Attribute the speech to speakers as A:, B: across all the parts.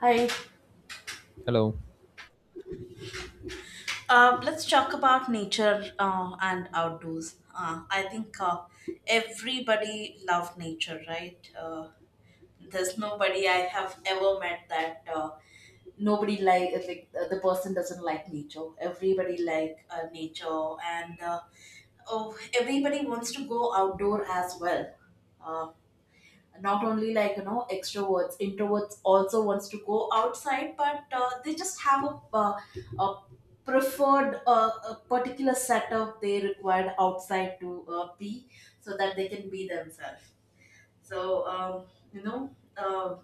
A: Hi.
B: Hello.
A: Let's talk about nature and outdoors. I think everybody love nature, right? There's nobody I have ever met that nobody like the person doesn't like nature. Everybody like nature, and oh, everybody wants to go outdoor as well. Uh, not only, like, you know, extroverts introverts also wants to go outside, but they just have a preferred, a particular setup they required outside to be so that they can be themselves. so um, you know uh,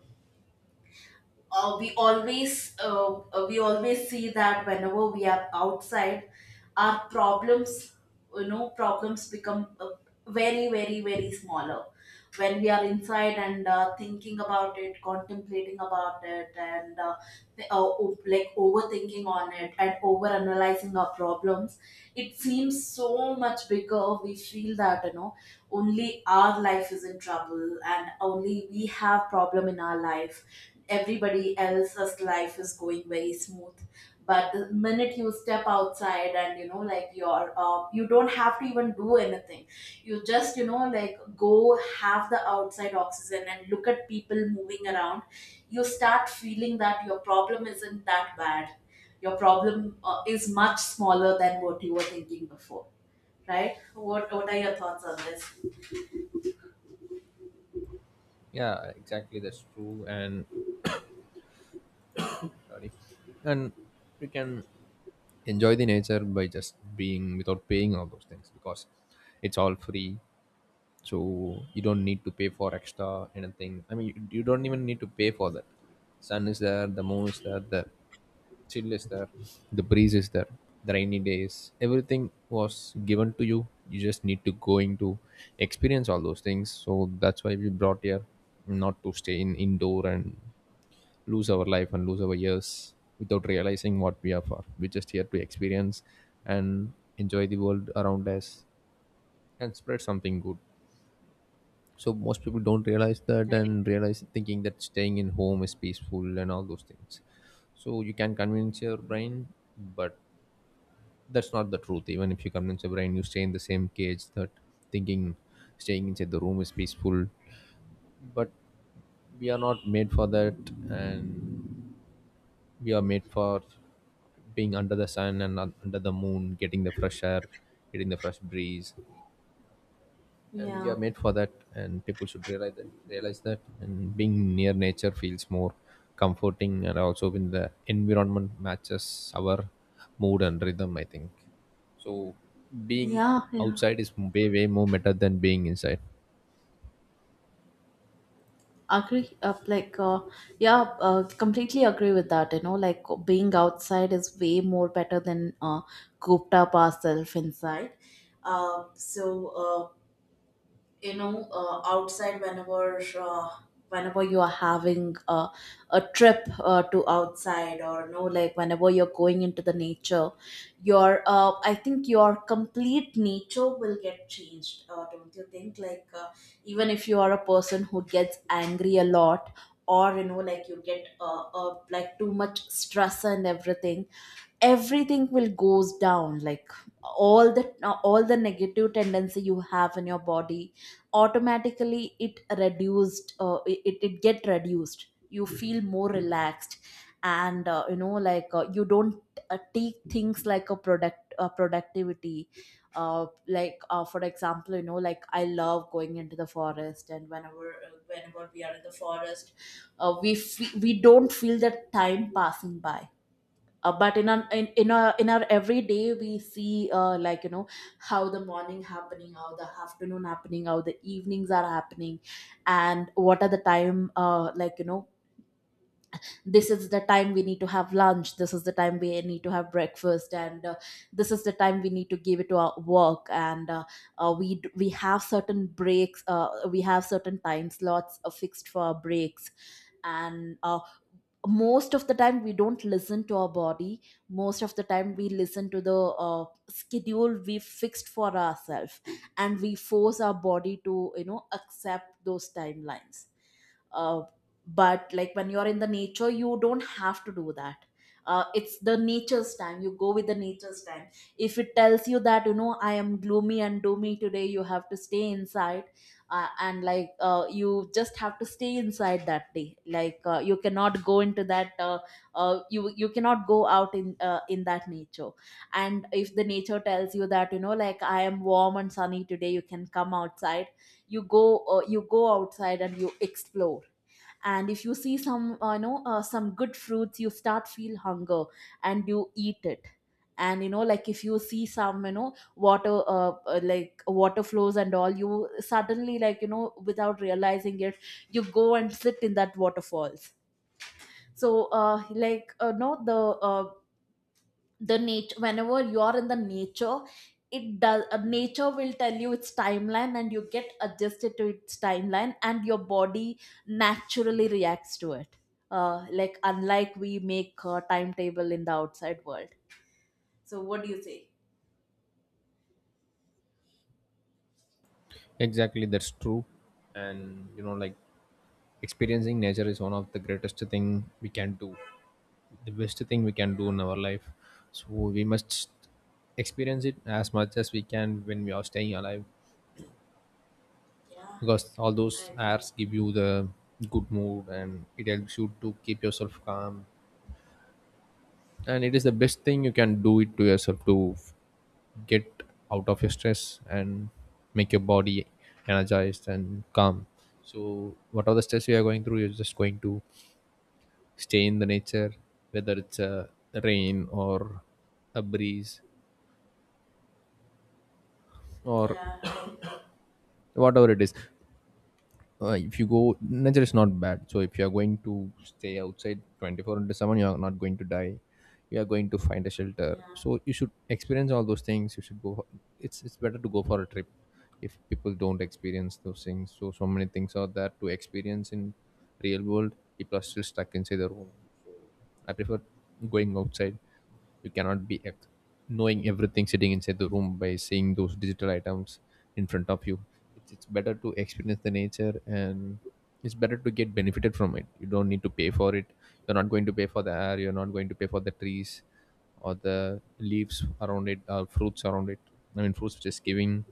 A: uh, we always we always see that whenever we are outside our problems, you know, problems become, very very very smaller when we are inside and thinking about it, contemplating about it, and like overthinking on it and over analyzing our problems. It seems so much bigger. We feel that, you know, only our life is in trouble and only we have problem in our life. Everybody else's life is going very smooth. But the minute you step outside and, you know, like you don't have to even do anything. You just, you know, like, go have the outside oxygen and look at people moving around. You start feeling that your problem isn't that bad. Your problem, is much smaller than what you were thinking before. Right, what are your thoughts on this?
B: Yeah, exactly. That's true. And sorry. And you can enjoy the nature by just being without paying all those things because it's all free. So you don't need to pay for extra anything. I mean, you don't even need to pay for that. Sun is there, the moon is there, the chill is there, the breeze is there, the rainy days. Everything was given to you. You just need to going to experience all those things. So that's why we brought here, not to stay in indoor and lose our life and lose our years without realizing what we are for. We're just here to experience and enjoy the world around us and spread something good. So most people don't realize that and realize thinking that staying in home is peaceful and all those things. So you can convince your brain, but that's not the truth. Even if you convince your brain, you stay in the same cage that thinking staying inside the room is peaceful. But we are not made for that and we are made for being under the sun and under the moon, getting the fresh air, getting the fresh breeze, and we are
A: Yeah,
B: made for that, and people should realize that, realize that, and being near nature feels more comforting, and also when the environment matches our mood and rhythm, I think. So being
A: yeah, yeah.
B: outside is way way more better than being inside.
A: Agree, like, yeah completely agree with that. You know, like, being outside is way more better than cooped up ourselves inside. Uh, so um, you know uh, outside whenever you are having a trip to outside, or no, like, whenever you're going into the nature your I think your complete nature will get changed. Don't you think, even if you are a person who gets angry a lot, or, you know, like, you get, like, too much stress and everything. Everything will goes down, like, all the all the negative tendency you have in your body automatically it reduced, it get reduced. You feel more relaxed. And you know, like, you don't take things like a product productivity. For example, you know, like, I love going into the forest, and whenever we are in the forest, we don't feel the time passing by. But in our everyday we see, like, you know, how the morning happening, how the afternoon happening, how the evenings are happening, and what are the time, like, you know, this is the time we need to have lunch, this is the time we need to have breakfast, and this is the time we need to give it to our work, and we have certain breaks. We have certain time slots fixed for our breaks, and most of the time we don't listen to our body. Most of the time we listen to the schedule we fixed for ourselves, and we force our body to, you know, accept those timelines. uh, but, like, when you're in the nature, you don't have to do that. It's the nature's time. You go with the nature's time. If it tells you that, you know, I am gloomy and doomy today, you have to stay inside. And, like, you just have to stay inside that day, like, you cannot go into that you you cannot go out in, in that nature. And if the nature tells you that, you know, like, I am warm and sunny today, you can come outside. You go outside and you explore. And if you see some, you know, some good fruits, you start feel hunger and you eat it. And, you know, like, if you see some, you know, water, like, water flows and all, you suddenly, like, you know, without realizing it, you go and sit in that waterfalls. So uh like uh, no the uh, the nature, whenever you are in the nature, it does nature will tell you its timeline, and you get adjusted to its timeline, and your body naturally reacts to it, like, unlike we make a timetable in the outside world. So what do you say?
B: Exactly, that's true. And you know, like, experiencing nature is one of the greatest thing we can do, the best thing we can do in our life. So we must experience it as much as we can when we are staying alive,
A: Yeah, yeah,
B: because all those
A: I agree.
B: airs give you the good mood and it helps you to keep yourself calm. And it is the best thing you can do it to yourself to get out of your stress and make your body energized and calm. So whatever the stress you are going through, you're just going to stay in the nature, whether it's a rain or a breeze or
A: Yeah, I agree.
B: whatever it is. If you go, nature is not bad, so if you are going to stay outside 24 into 7, you are not going to die. You are going to find a shelter,
A: Yeah,
B: so you should experience all those things, you should go for, it's better to go for a trip. If people don't experience those things, so many things are there to experience in real world, people are still stuck inside their room. I prefer going outside. You cannot be knowing everything sitting inside the room by seeing those digital items in front of you. It's better to experience the nature, and it's better to get benefited from it. You don't need to pay for it. You're not going to pay for the air. You're not going to pay for the trees or the leaves around it or fruits around it. I mean, fruits just giving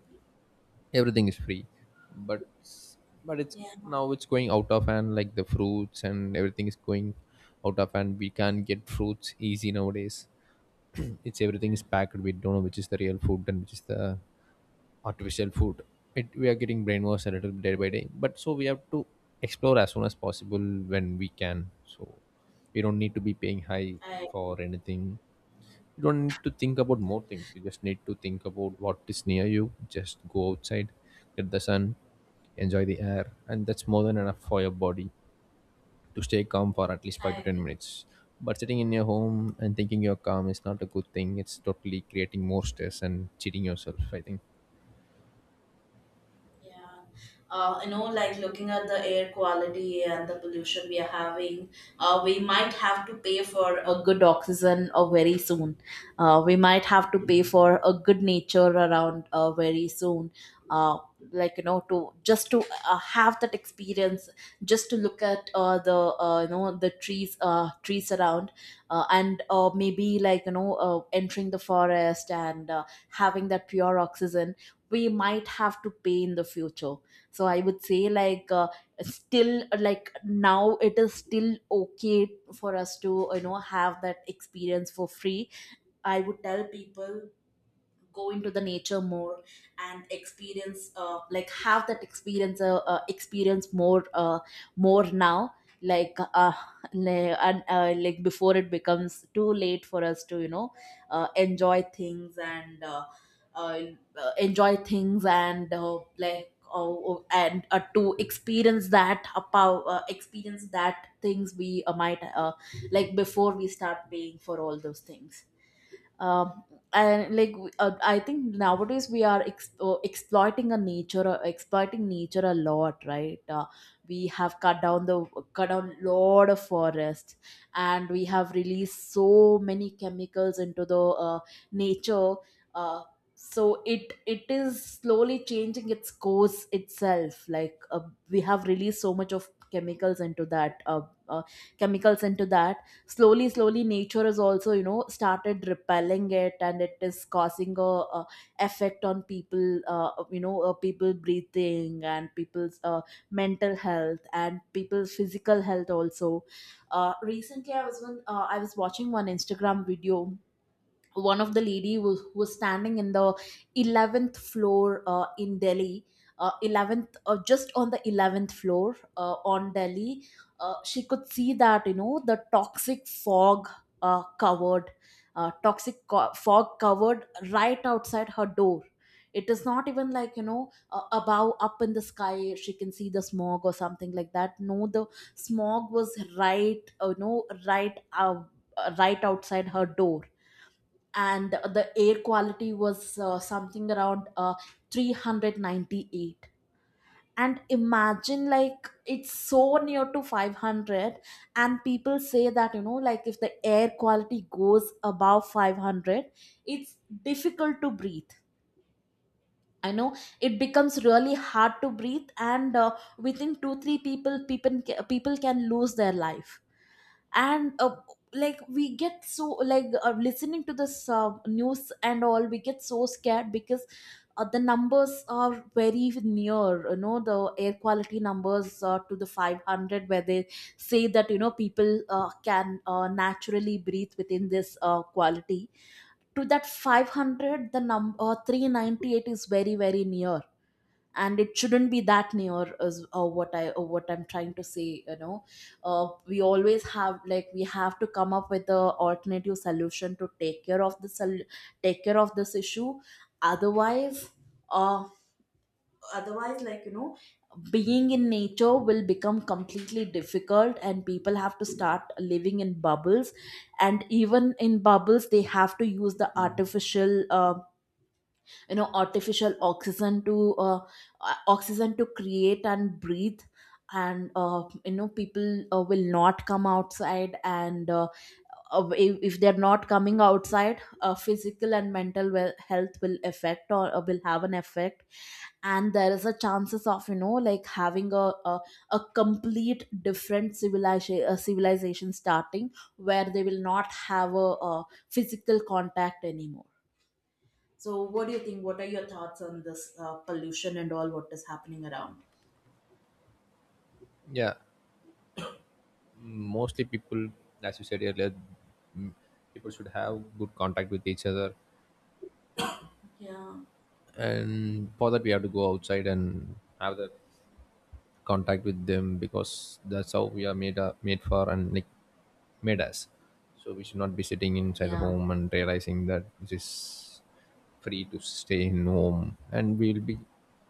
B: everything is free, but but it's
A: yeah,
B: now it's going out of hand, like the fruits and everything is going out of hand. We can't get fruits easy nowadays, it's everything is packed. We don't know which is the real food and which is the artificial food. We are getting brainwashed a little day by day, but so we have to explore as soon as possible when we can. So we don't need to be paying high
A: I
B: for anything. You don't need to think about more things, you just need to think about what is near you. Just go outside, get the sun, enjoy the air, and that's more than enough for your body to stay calm for at least 5
A: I
B: to 10
A: agree.
B: minutes. But sitting in your home and thinking you're calm is not a good thing. It's totally creating more stress and cheating yourself, I think.
A: Yeah, you know, like, looking at the air quality and the pollution we are having, we might have to pay for a good oxygen very soon. We might have to pay for a good nature around very soon. Uh, like, you know, to just to have that experience, just to look at, the, you know, the trees, trees around, and maybe, like, you know, entering the forest, and having that pure oxygen we might have to pay in the future. So I would say, like, still, like, now it is still okay for us to, you know, have that experience for free. I would tell people, go into the nature more, and experience, like, have that experience, experience more, more now, like, like, and, like, before it becomes too late for us to, you know, enjoy things, and, uh, enjoy things, and, like, and to experience that, about, experience that things we, might, like, before we start paying for all those things. um, and, I think nowadays we are exploiting a nature, exploiting nature a lot, right? We have cut down lot of forests, and we have released so many chemicals into the, nature. uh, so it is slowly changing its course itself, like, we have released so much of chemicals into that, uh, chemicals into that slowly slowly nature has also, you know, started repelling it, and it is causing a effect on people, you know, people breathing, and people's mental health, and people's physical health also. Recently I was watching one Instagram video. One of the lady was standing in the 11th floor, in Delhi, 11th, just on the 11th floor, on Delhi. She could see that, you know, the toxic fog, covered, fog covered right outside her door. It is not even, like, you know, above up in the sky she can see the smog or something like that. No, the smog was right, you know, right, right outside her door. And the air quality was, something around, 398, and imagine, like, it's so near to 500. And people say that, you know, like, if the air quality goes above 500, it's difficult to breathe. I know it becomes really hard to breathe. And within 2 3 people can lose their life. And, like, we get so, like, listening to this news and all, we get so scared because, the numbers are very near, you know, the air quality numbers, to the 500, where they say that, you know, people can naturally breathe within this quality. To that 500, the number, 398, is very very near, and it shouldn't be that near, is, what I'm trying to say, you know. We always have, like, we have to come up with a alternative solution, to take care of take care of this issue. Otherwise, uh, like, you know, being in nature will become completely difficult, and people have to start living in bubbles. And even in bubbles they have to use the artificial, you know, artificial oxygen to, create and breathe. And you know, people will not come outside, and, if they're not coming outside, physical and mental, well, health will affect, or will have an effect. And there is a chances of, you know, like, having a complete different civilization, a civilization starting where they will not have a physical contact anymore. So, what do you think? What are your thoughts on this pollution and all what is happening around?
B: Yeah, mostly people, as you said earlier, mm, people should have good contact with each other,
A: Yeah,
B: and for that we have to go outside and have that contact with them, because that's how we are made up, made for, and like made us. So we should not be sitting inside
A: yeah,
B: home and realizing that it is free to stay in home, and we'll be,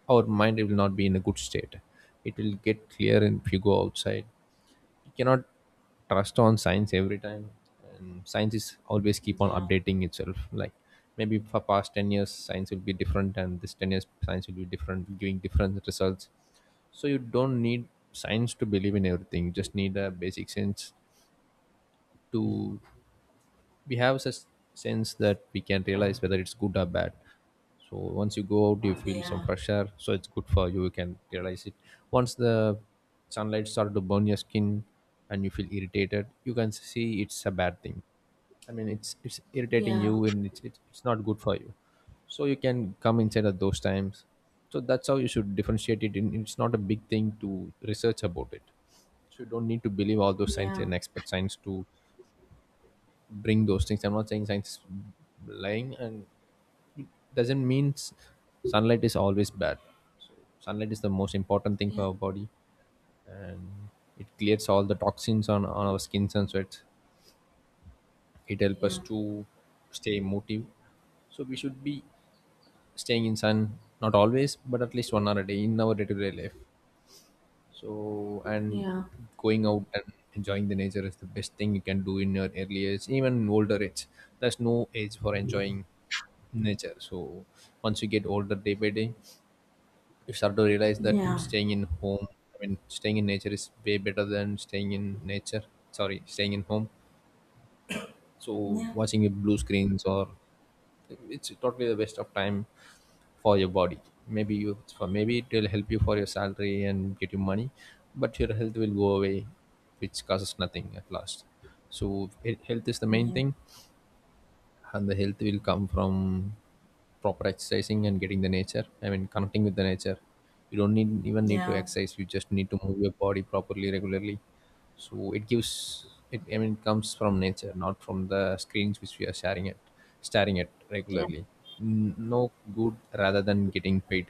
B: our mind will not be in a good state. It will get clear if you go outside. You cannot trust on science every time, and science is always keep on
A: yeah,
B: updating itself. Like maybe for past 10 years science will be different, and this 10 years science will be different, giving different results. So you don't need science to believe in everything, you just need a basic sense to, we have such sense that we can realize whether it's good or bad. So once you go out, you feel some
A: yeah,
B: fresh air, so it's good for you, you can realize it. Once the sunlight starts to burn your skin and you feel irritated, you can see it's a bad thing. I mean, it's irritating
A: yeah,
B: you, and it's not good for you. So you can come inside at those times. So that's how you should differentiate it, and it's not a big thing to research about it. So you don't need to believe all those science
A: yeah,
B: and expert science to bring those things. I'm not saying science is lying, and it doesn't mean sunlight is always bad. So sunlight is the most important thing for
A: yeah,
B: our body, and it clears all the toxins on our skins and sweat. It helps us
A: yeah,
B: to stay motive. So we should be staying in sun, not always, but at least 1 hour a day in our day-to-day life. So
A: yeah,
B: and
A: yeah,
B: going out and enjoying the nature is the best thing you can do in your early age, even in older age. There's no age for enjoying nature. So once you get older day by day, you start to realize that staying in home, I mean, staying in nature is way better than staying in nature. Sorry, staying in home. So
A: yeah,
B: watching your blue screens or it's totally the waste of time for your body. Maybe you, for maybe it will help you for your salary and get you money, but your health will go away, which causes nothing at last. So health is the main
A: yeah,
B: thing, and the health will come from proper exercising and getting the nature, I mean, connecting with the nature. You don't need even need to
A: yeah.
B: exercise, you just need to move your body properly, regularly. So it gives it, I mean, it comes from nature, not from the screens which we are sharing at, staring at
A: Yeah,
B: regularly. No good, rather than getting paid,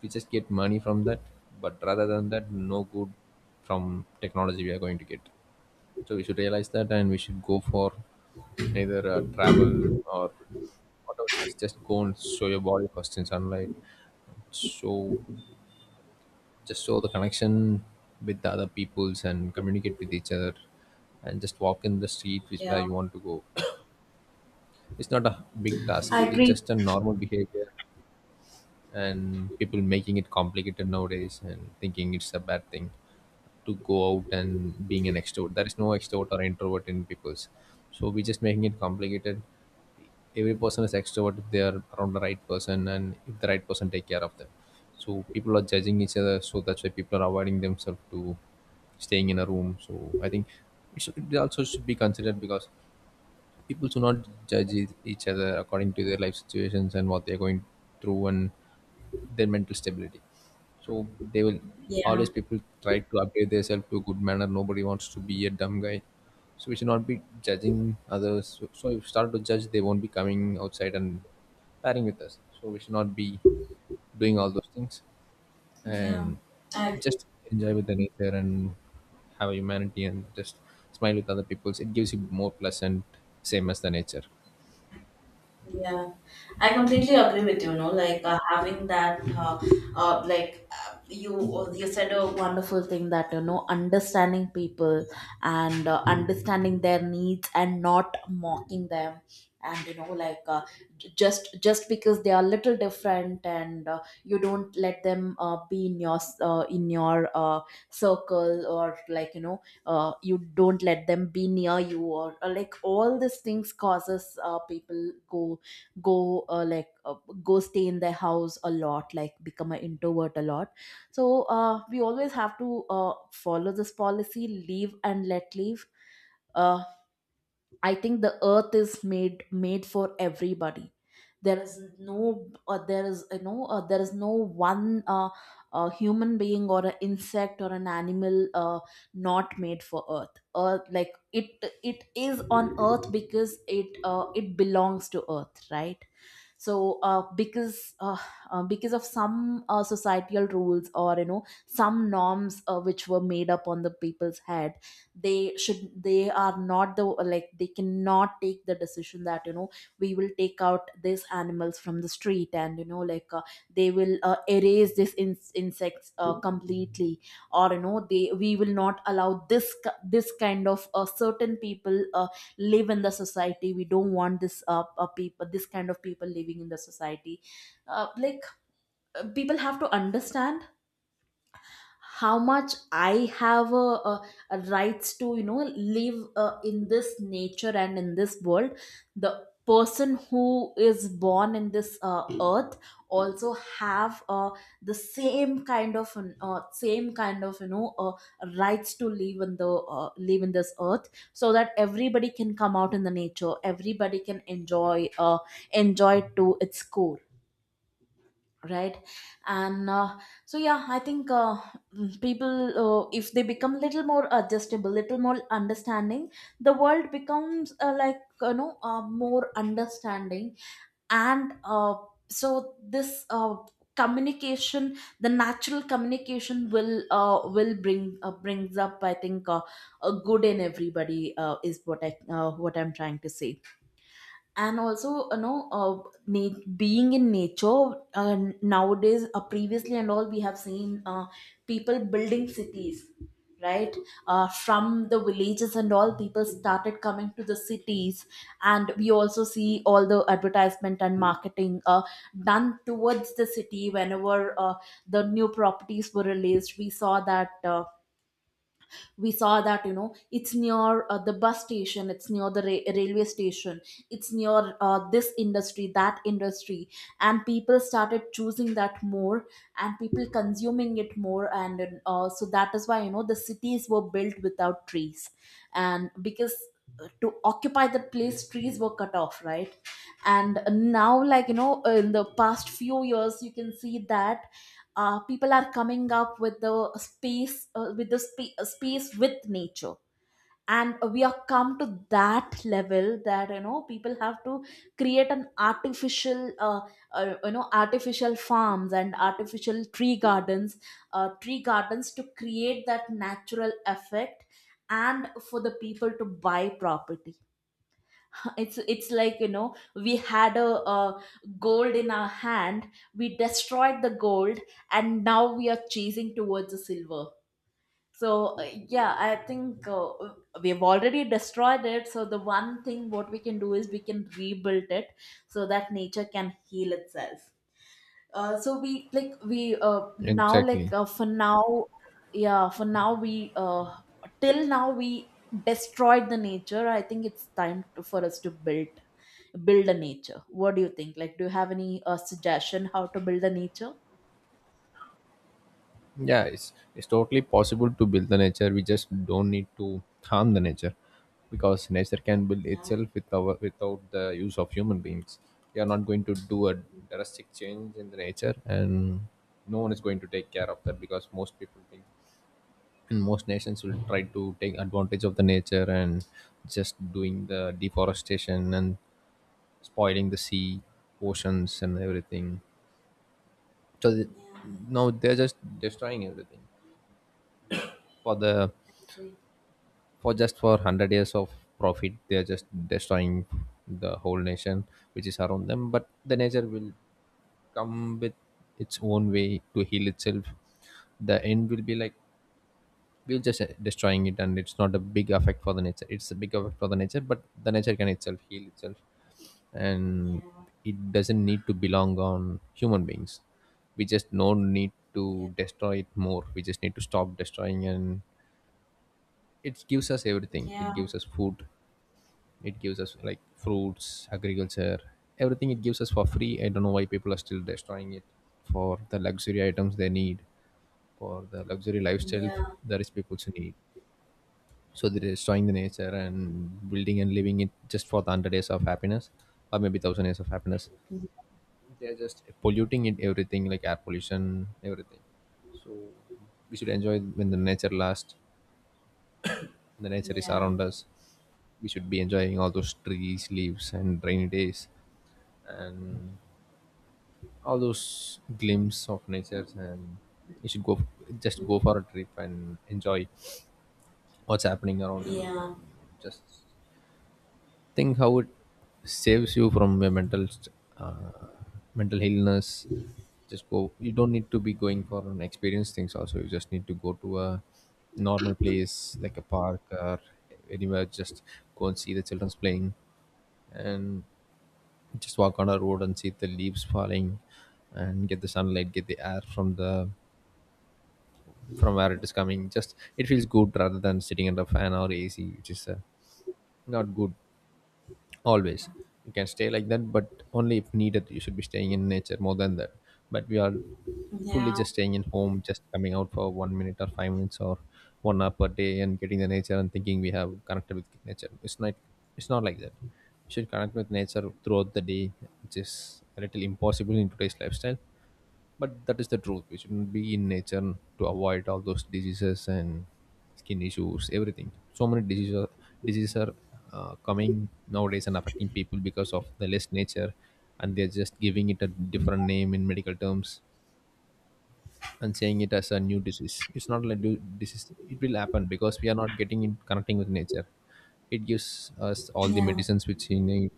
B: we just get money from that, but rather than that, no good from technology we are going to get. So we should realize that, and we should go for either travel or whatever it is. Just go and show your body first in sunlight. Show, just show the connection with the other peoples and communicate with each other, and just walk in the street which where
A: yeah,
B: you want to go. It's not a big task.
A: I
B: It's
A: agree.
B: just a normal behavior, and people making it complicated nowadays and thinking it's a bad thing to go out and being an extrovert. There is no extrovert or introvert in people's. So we're just making it complicated. Every person is extrovert if they are around the right person and if the right person take care of them. So people are judging each other. So that's why people are avoiding themselves to staying in a room. So I think it, should, it also should be considered because people should not judge each other according to their life situations and what they're going through and their mental stability. So they will,
A: Yeah,
B: always people try to upgrade themselves to a good manner. Nobody wants to be a dumb guy. So we should not be judging others. So, so if you start to judge, they won't be coming outside and pairing with us. So we should not be doing all those things
A: yeah.
B: and
A: I agree.
B: just enjoy with the nature and have humanity and just smile with other people's. It gives you more pleasant, same as the nature.
A: Yeah, I completely agree with you. No, like having that, you said a wonderful thing that you know understanding people and understanding their needs and not mocking them and you know just because they are little different and you don't let them be in your in your circle or like you know you don't let them be near you or like all these things causes people go uh, like uh, go stay in their house a lot, like become an introvert a lot. So we always have to follow this policy, leave and let leave. uh, I think the earth is made for everybody. There is no there is you know there is no one human being or an insect or an animal not made for earth, like it is on earth because it belongs to earth, right? So because of some societal rules or you know some norms which were made up on the people's head. They should, they are not the, like they cannot take the decision that you know we will take out these animals from the street, and you know they will erase these insects completely. Or you know they, we will not allow this kind of certain people live in the society. We don't want this people, this kind of people living in the society. uh, like People have to understand how much I have a rights to you know live in this nature and in this world. The person who is born in this earth also have the same kind of you know rights to live in the live in this earth, so that everybody can come out in the nature, everybody can enjoy it to its core, right? And so yeah, I think people, if they become little more adjustable, little more understanding, the world becomes more understanding. And so this communication, the natural communication will brings up, I think a good in everybody, is what I what I'm trying to say. And also you know being in nature nowadays. Previously and all we have seen people building cities, right? From the villages and all, people started coming to the cities. And we also see all the advertisement and marketing done towards the city. Whenever the new properties were released, we saw that you know it's near the bus station, it's near the railway station, it's near this industry, that industry. And people started choosing that more, and people consuming it more. And so that is why you know the cities were built without trees. And because to occupy the place, trees were cut off, right? And now like you know in the past few years you can see that people are coming up with the space space with nature. And we are come to that level that you know people have to create an artificial artificial farms and artificial tree gardens, tree gardens, to create that natural effect and for the people to buy property. It's like you know we had a gold in our hand, we destroyed the gold, and now we are chasing towards the silver. So yeah I think we've already destroyed it, so the one thing what we can do is we can rebuild it, so that nature can heal itself. Uh, so we like we now like
B: Exactly.
A: For now, yeah, for now we till now we destroyed the nature. I think it's time for us to build a nature. What do you think? Like, do you have any suggestion how to build a nature?
B: Yeah, it's totally possible to build the nature. We just don't need to harm the nature, because nature can build
A: Yeah,
B: itself with our without the use of human beings. We are not going to do a drastic change in the nature, and no one is going to take care of that because most people think and most nations will try to take advantage of the nature and just doing the deforestation and spoiling the sea, oceans, and everything. So
A: yeah,
B: now they're just destroying everything for the
A: like-
B: for just for 100 years of profit. They are just destroying the whole nation which is around them, but the nature will come with its own way to heal itself. The end will be like we're just destroying it, and it's not a big effect for the nature. It's a big effect for the nature, but the nature can itself heal itself, and it doesn't need to belong on human beings. We just no need to destroy it more. We just need to stop destroying, and it gives us everything. It gives us food, it gives us like fruits, agriculture, everything. It gives us for free. I don't know why people are still destroying it for the luxury items they need, for the luxury lifestyle the rich people should need. So they're destroying the nature and building and living it just for the 100 days of happiness, or maybe 1000 years of happiness. They're just polluting it, everything, like air pollution, everything. So we should enjoy when the nature lasts, the nature is
A: yeah,
B: around us. We should be enjoying all those trees, leaves, and rainy days, and all those glimpse of nature. And you should go, just go for a trip and enjoy what's happening around you. And
A: yeah,
B: just think how it saves you from your uh, mental illness. Just go, you don't need to be going for an experience things also. You just need to go to a normal place like a park or anywhere. Just go and see the children's playing, and just walk on a road and see the leaves falling, and get the sunlight, get the air from the from where it is coming. Just it feels good rather than sitting under a fan or ac, which is not good always. You can stay like that, but only if needed you should be staying in nature more than that. But we are fully just staying in home, just coming out for 1 minute or 5 minutes or 1 hour per day, and getting the nature and thinking we have connected with nature. It's not, it's not like that. You should connect with nature throughout the day, which is a little impossible in today's lifestyle. But that is the truth. We shouldn't be in nature to avoid all those diseases and skin issues, everything, so many diseases. Diseases are coming nowadays and affecting people because of the less nature, and they're just giving it a different name in medical terms and saying it as a new disease. It's not like new disease. It will happen because we are not getting in connecting with nature. It gives us all the
A: yeah,
B: medicines which we need,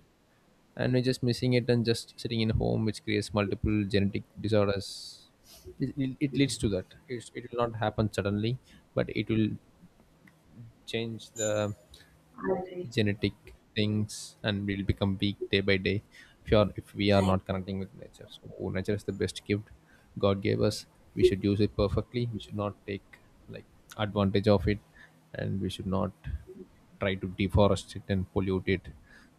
B: and we're just missing it and just sitting in home, which creates multiple genetic disorders. It leads to that. It will not happen suddenly, but it will change the genetic things, and we'll become weak day by day if we are not connecting with nature. So oh, nature is the best gift god gave us. We should use it perfectly. We should not take like advantage of it, and we should not try to deforest it and pollute it.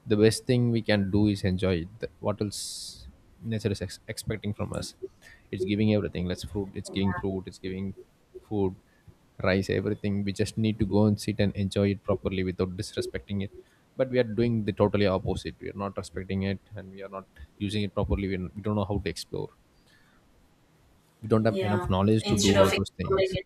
B: The best thing we can do is enjoy it. What else nature is expecting from us? It's giving everything. Let's fruit, it's giving fruit, it's giving food, rice, everything. We just need to go and sit and enjoy it properly without disrespecting it. But we are doing the totally opposite. We are not respecting it and we are not using it properly. We don't know how to explore. We don't have enough
A: yeah.
B: knowledge to do
A: Instead of
B: all those
A: exploring
B: things.
A: it,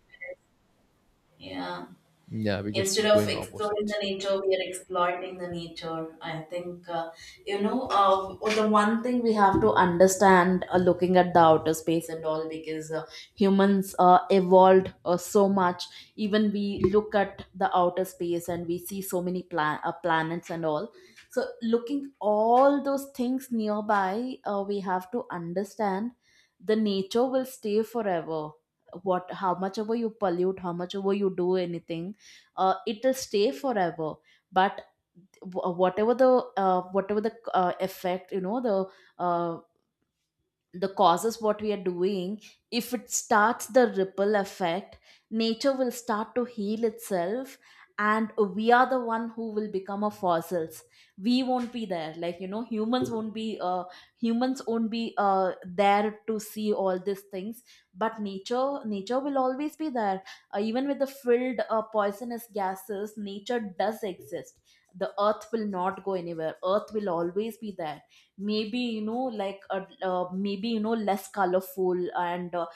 A: yeah.
B: Yeah, we're just
A: Instead of
B: going
A: exploring the
B: opposite.
A: nature, we are exploiting the nature. I think, you know, the one thing we have to understand, looking at the outer space and all. Because humans evolved so much. Even we look at the outer space and we see so many planets and all. So, looking all those things nearby, we have to understand the nature will stay forever, what, how much ever you pollute, how much ever you do anything, it'll stay forever. But wh- whatever the whatever the effect, you know, the causes what we are doing, if it starts the ripple effect, nature will start to heal itself. And we are the one who will become a fossils. We won't be there, like you know humans won't be there to see all these things. But nature will always be there. Even with the filled poisonous gases, nature does exist. The earth will not go anywhere, earth will always be there. Maybe you know maybe you know less colorful and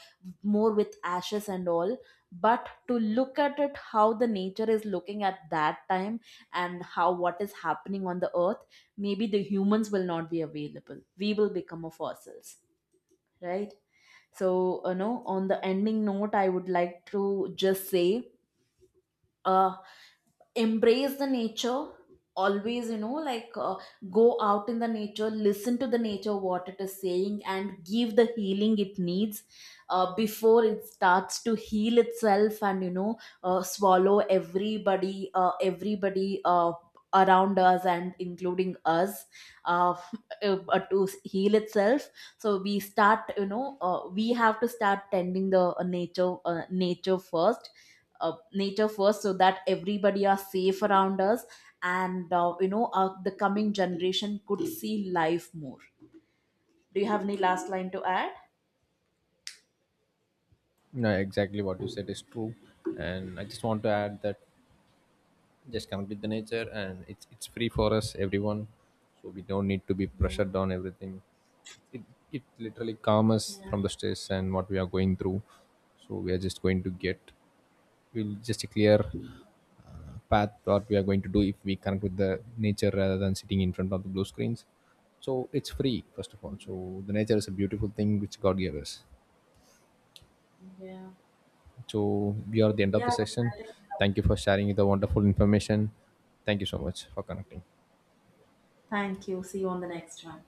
A: more with ashes and all. But to look at it, how the nature is looking at that time and how, what is happening on the earth, maybe the humans will not be available, we will become of fossils, right? So you know, on the ending note I would like to just say, uh embrace the nature always, you know go out in the nature, listen to the nature what it is saying, and give the healing it needs before it starts to heal itself and you know swallow everybody around us and including us, uh, to heal itself. So we start, you know we have to start tending the nature first, nature first, so that everybody are safe around us. And you know the coming generation could see life more. Do you have any last line to add?
B: No, exactly what you said is true. And I just want to add that just connect with the nature, and it's free for us, everyone. So we don't need to be
A: Yeah,
B: pressured on everything. It literally calms us
A: yeah,
B: from the stress and what we are going through. So we are just going to get, we'll just a clear path what we are going to do if we connect with the nature rather than sitting in front of the blue screens. So it's free first of all. So the nature is a beautiful thing which god gave us.
A: yeah,
B: So we are at the end of
A: yeah.
B: the session.
A: I think so.
B: Thank you for sharing the wonderful information. Thank you so much for connecting.
A: Thank you. See you on the next one.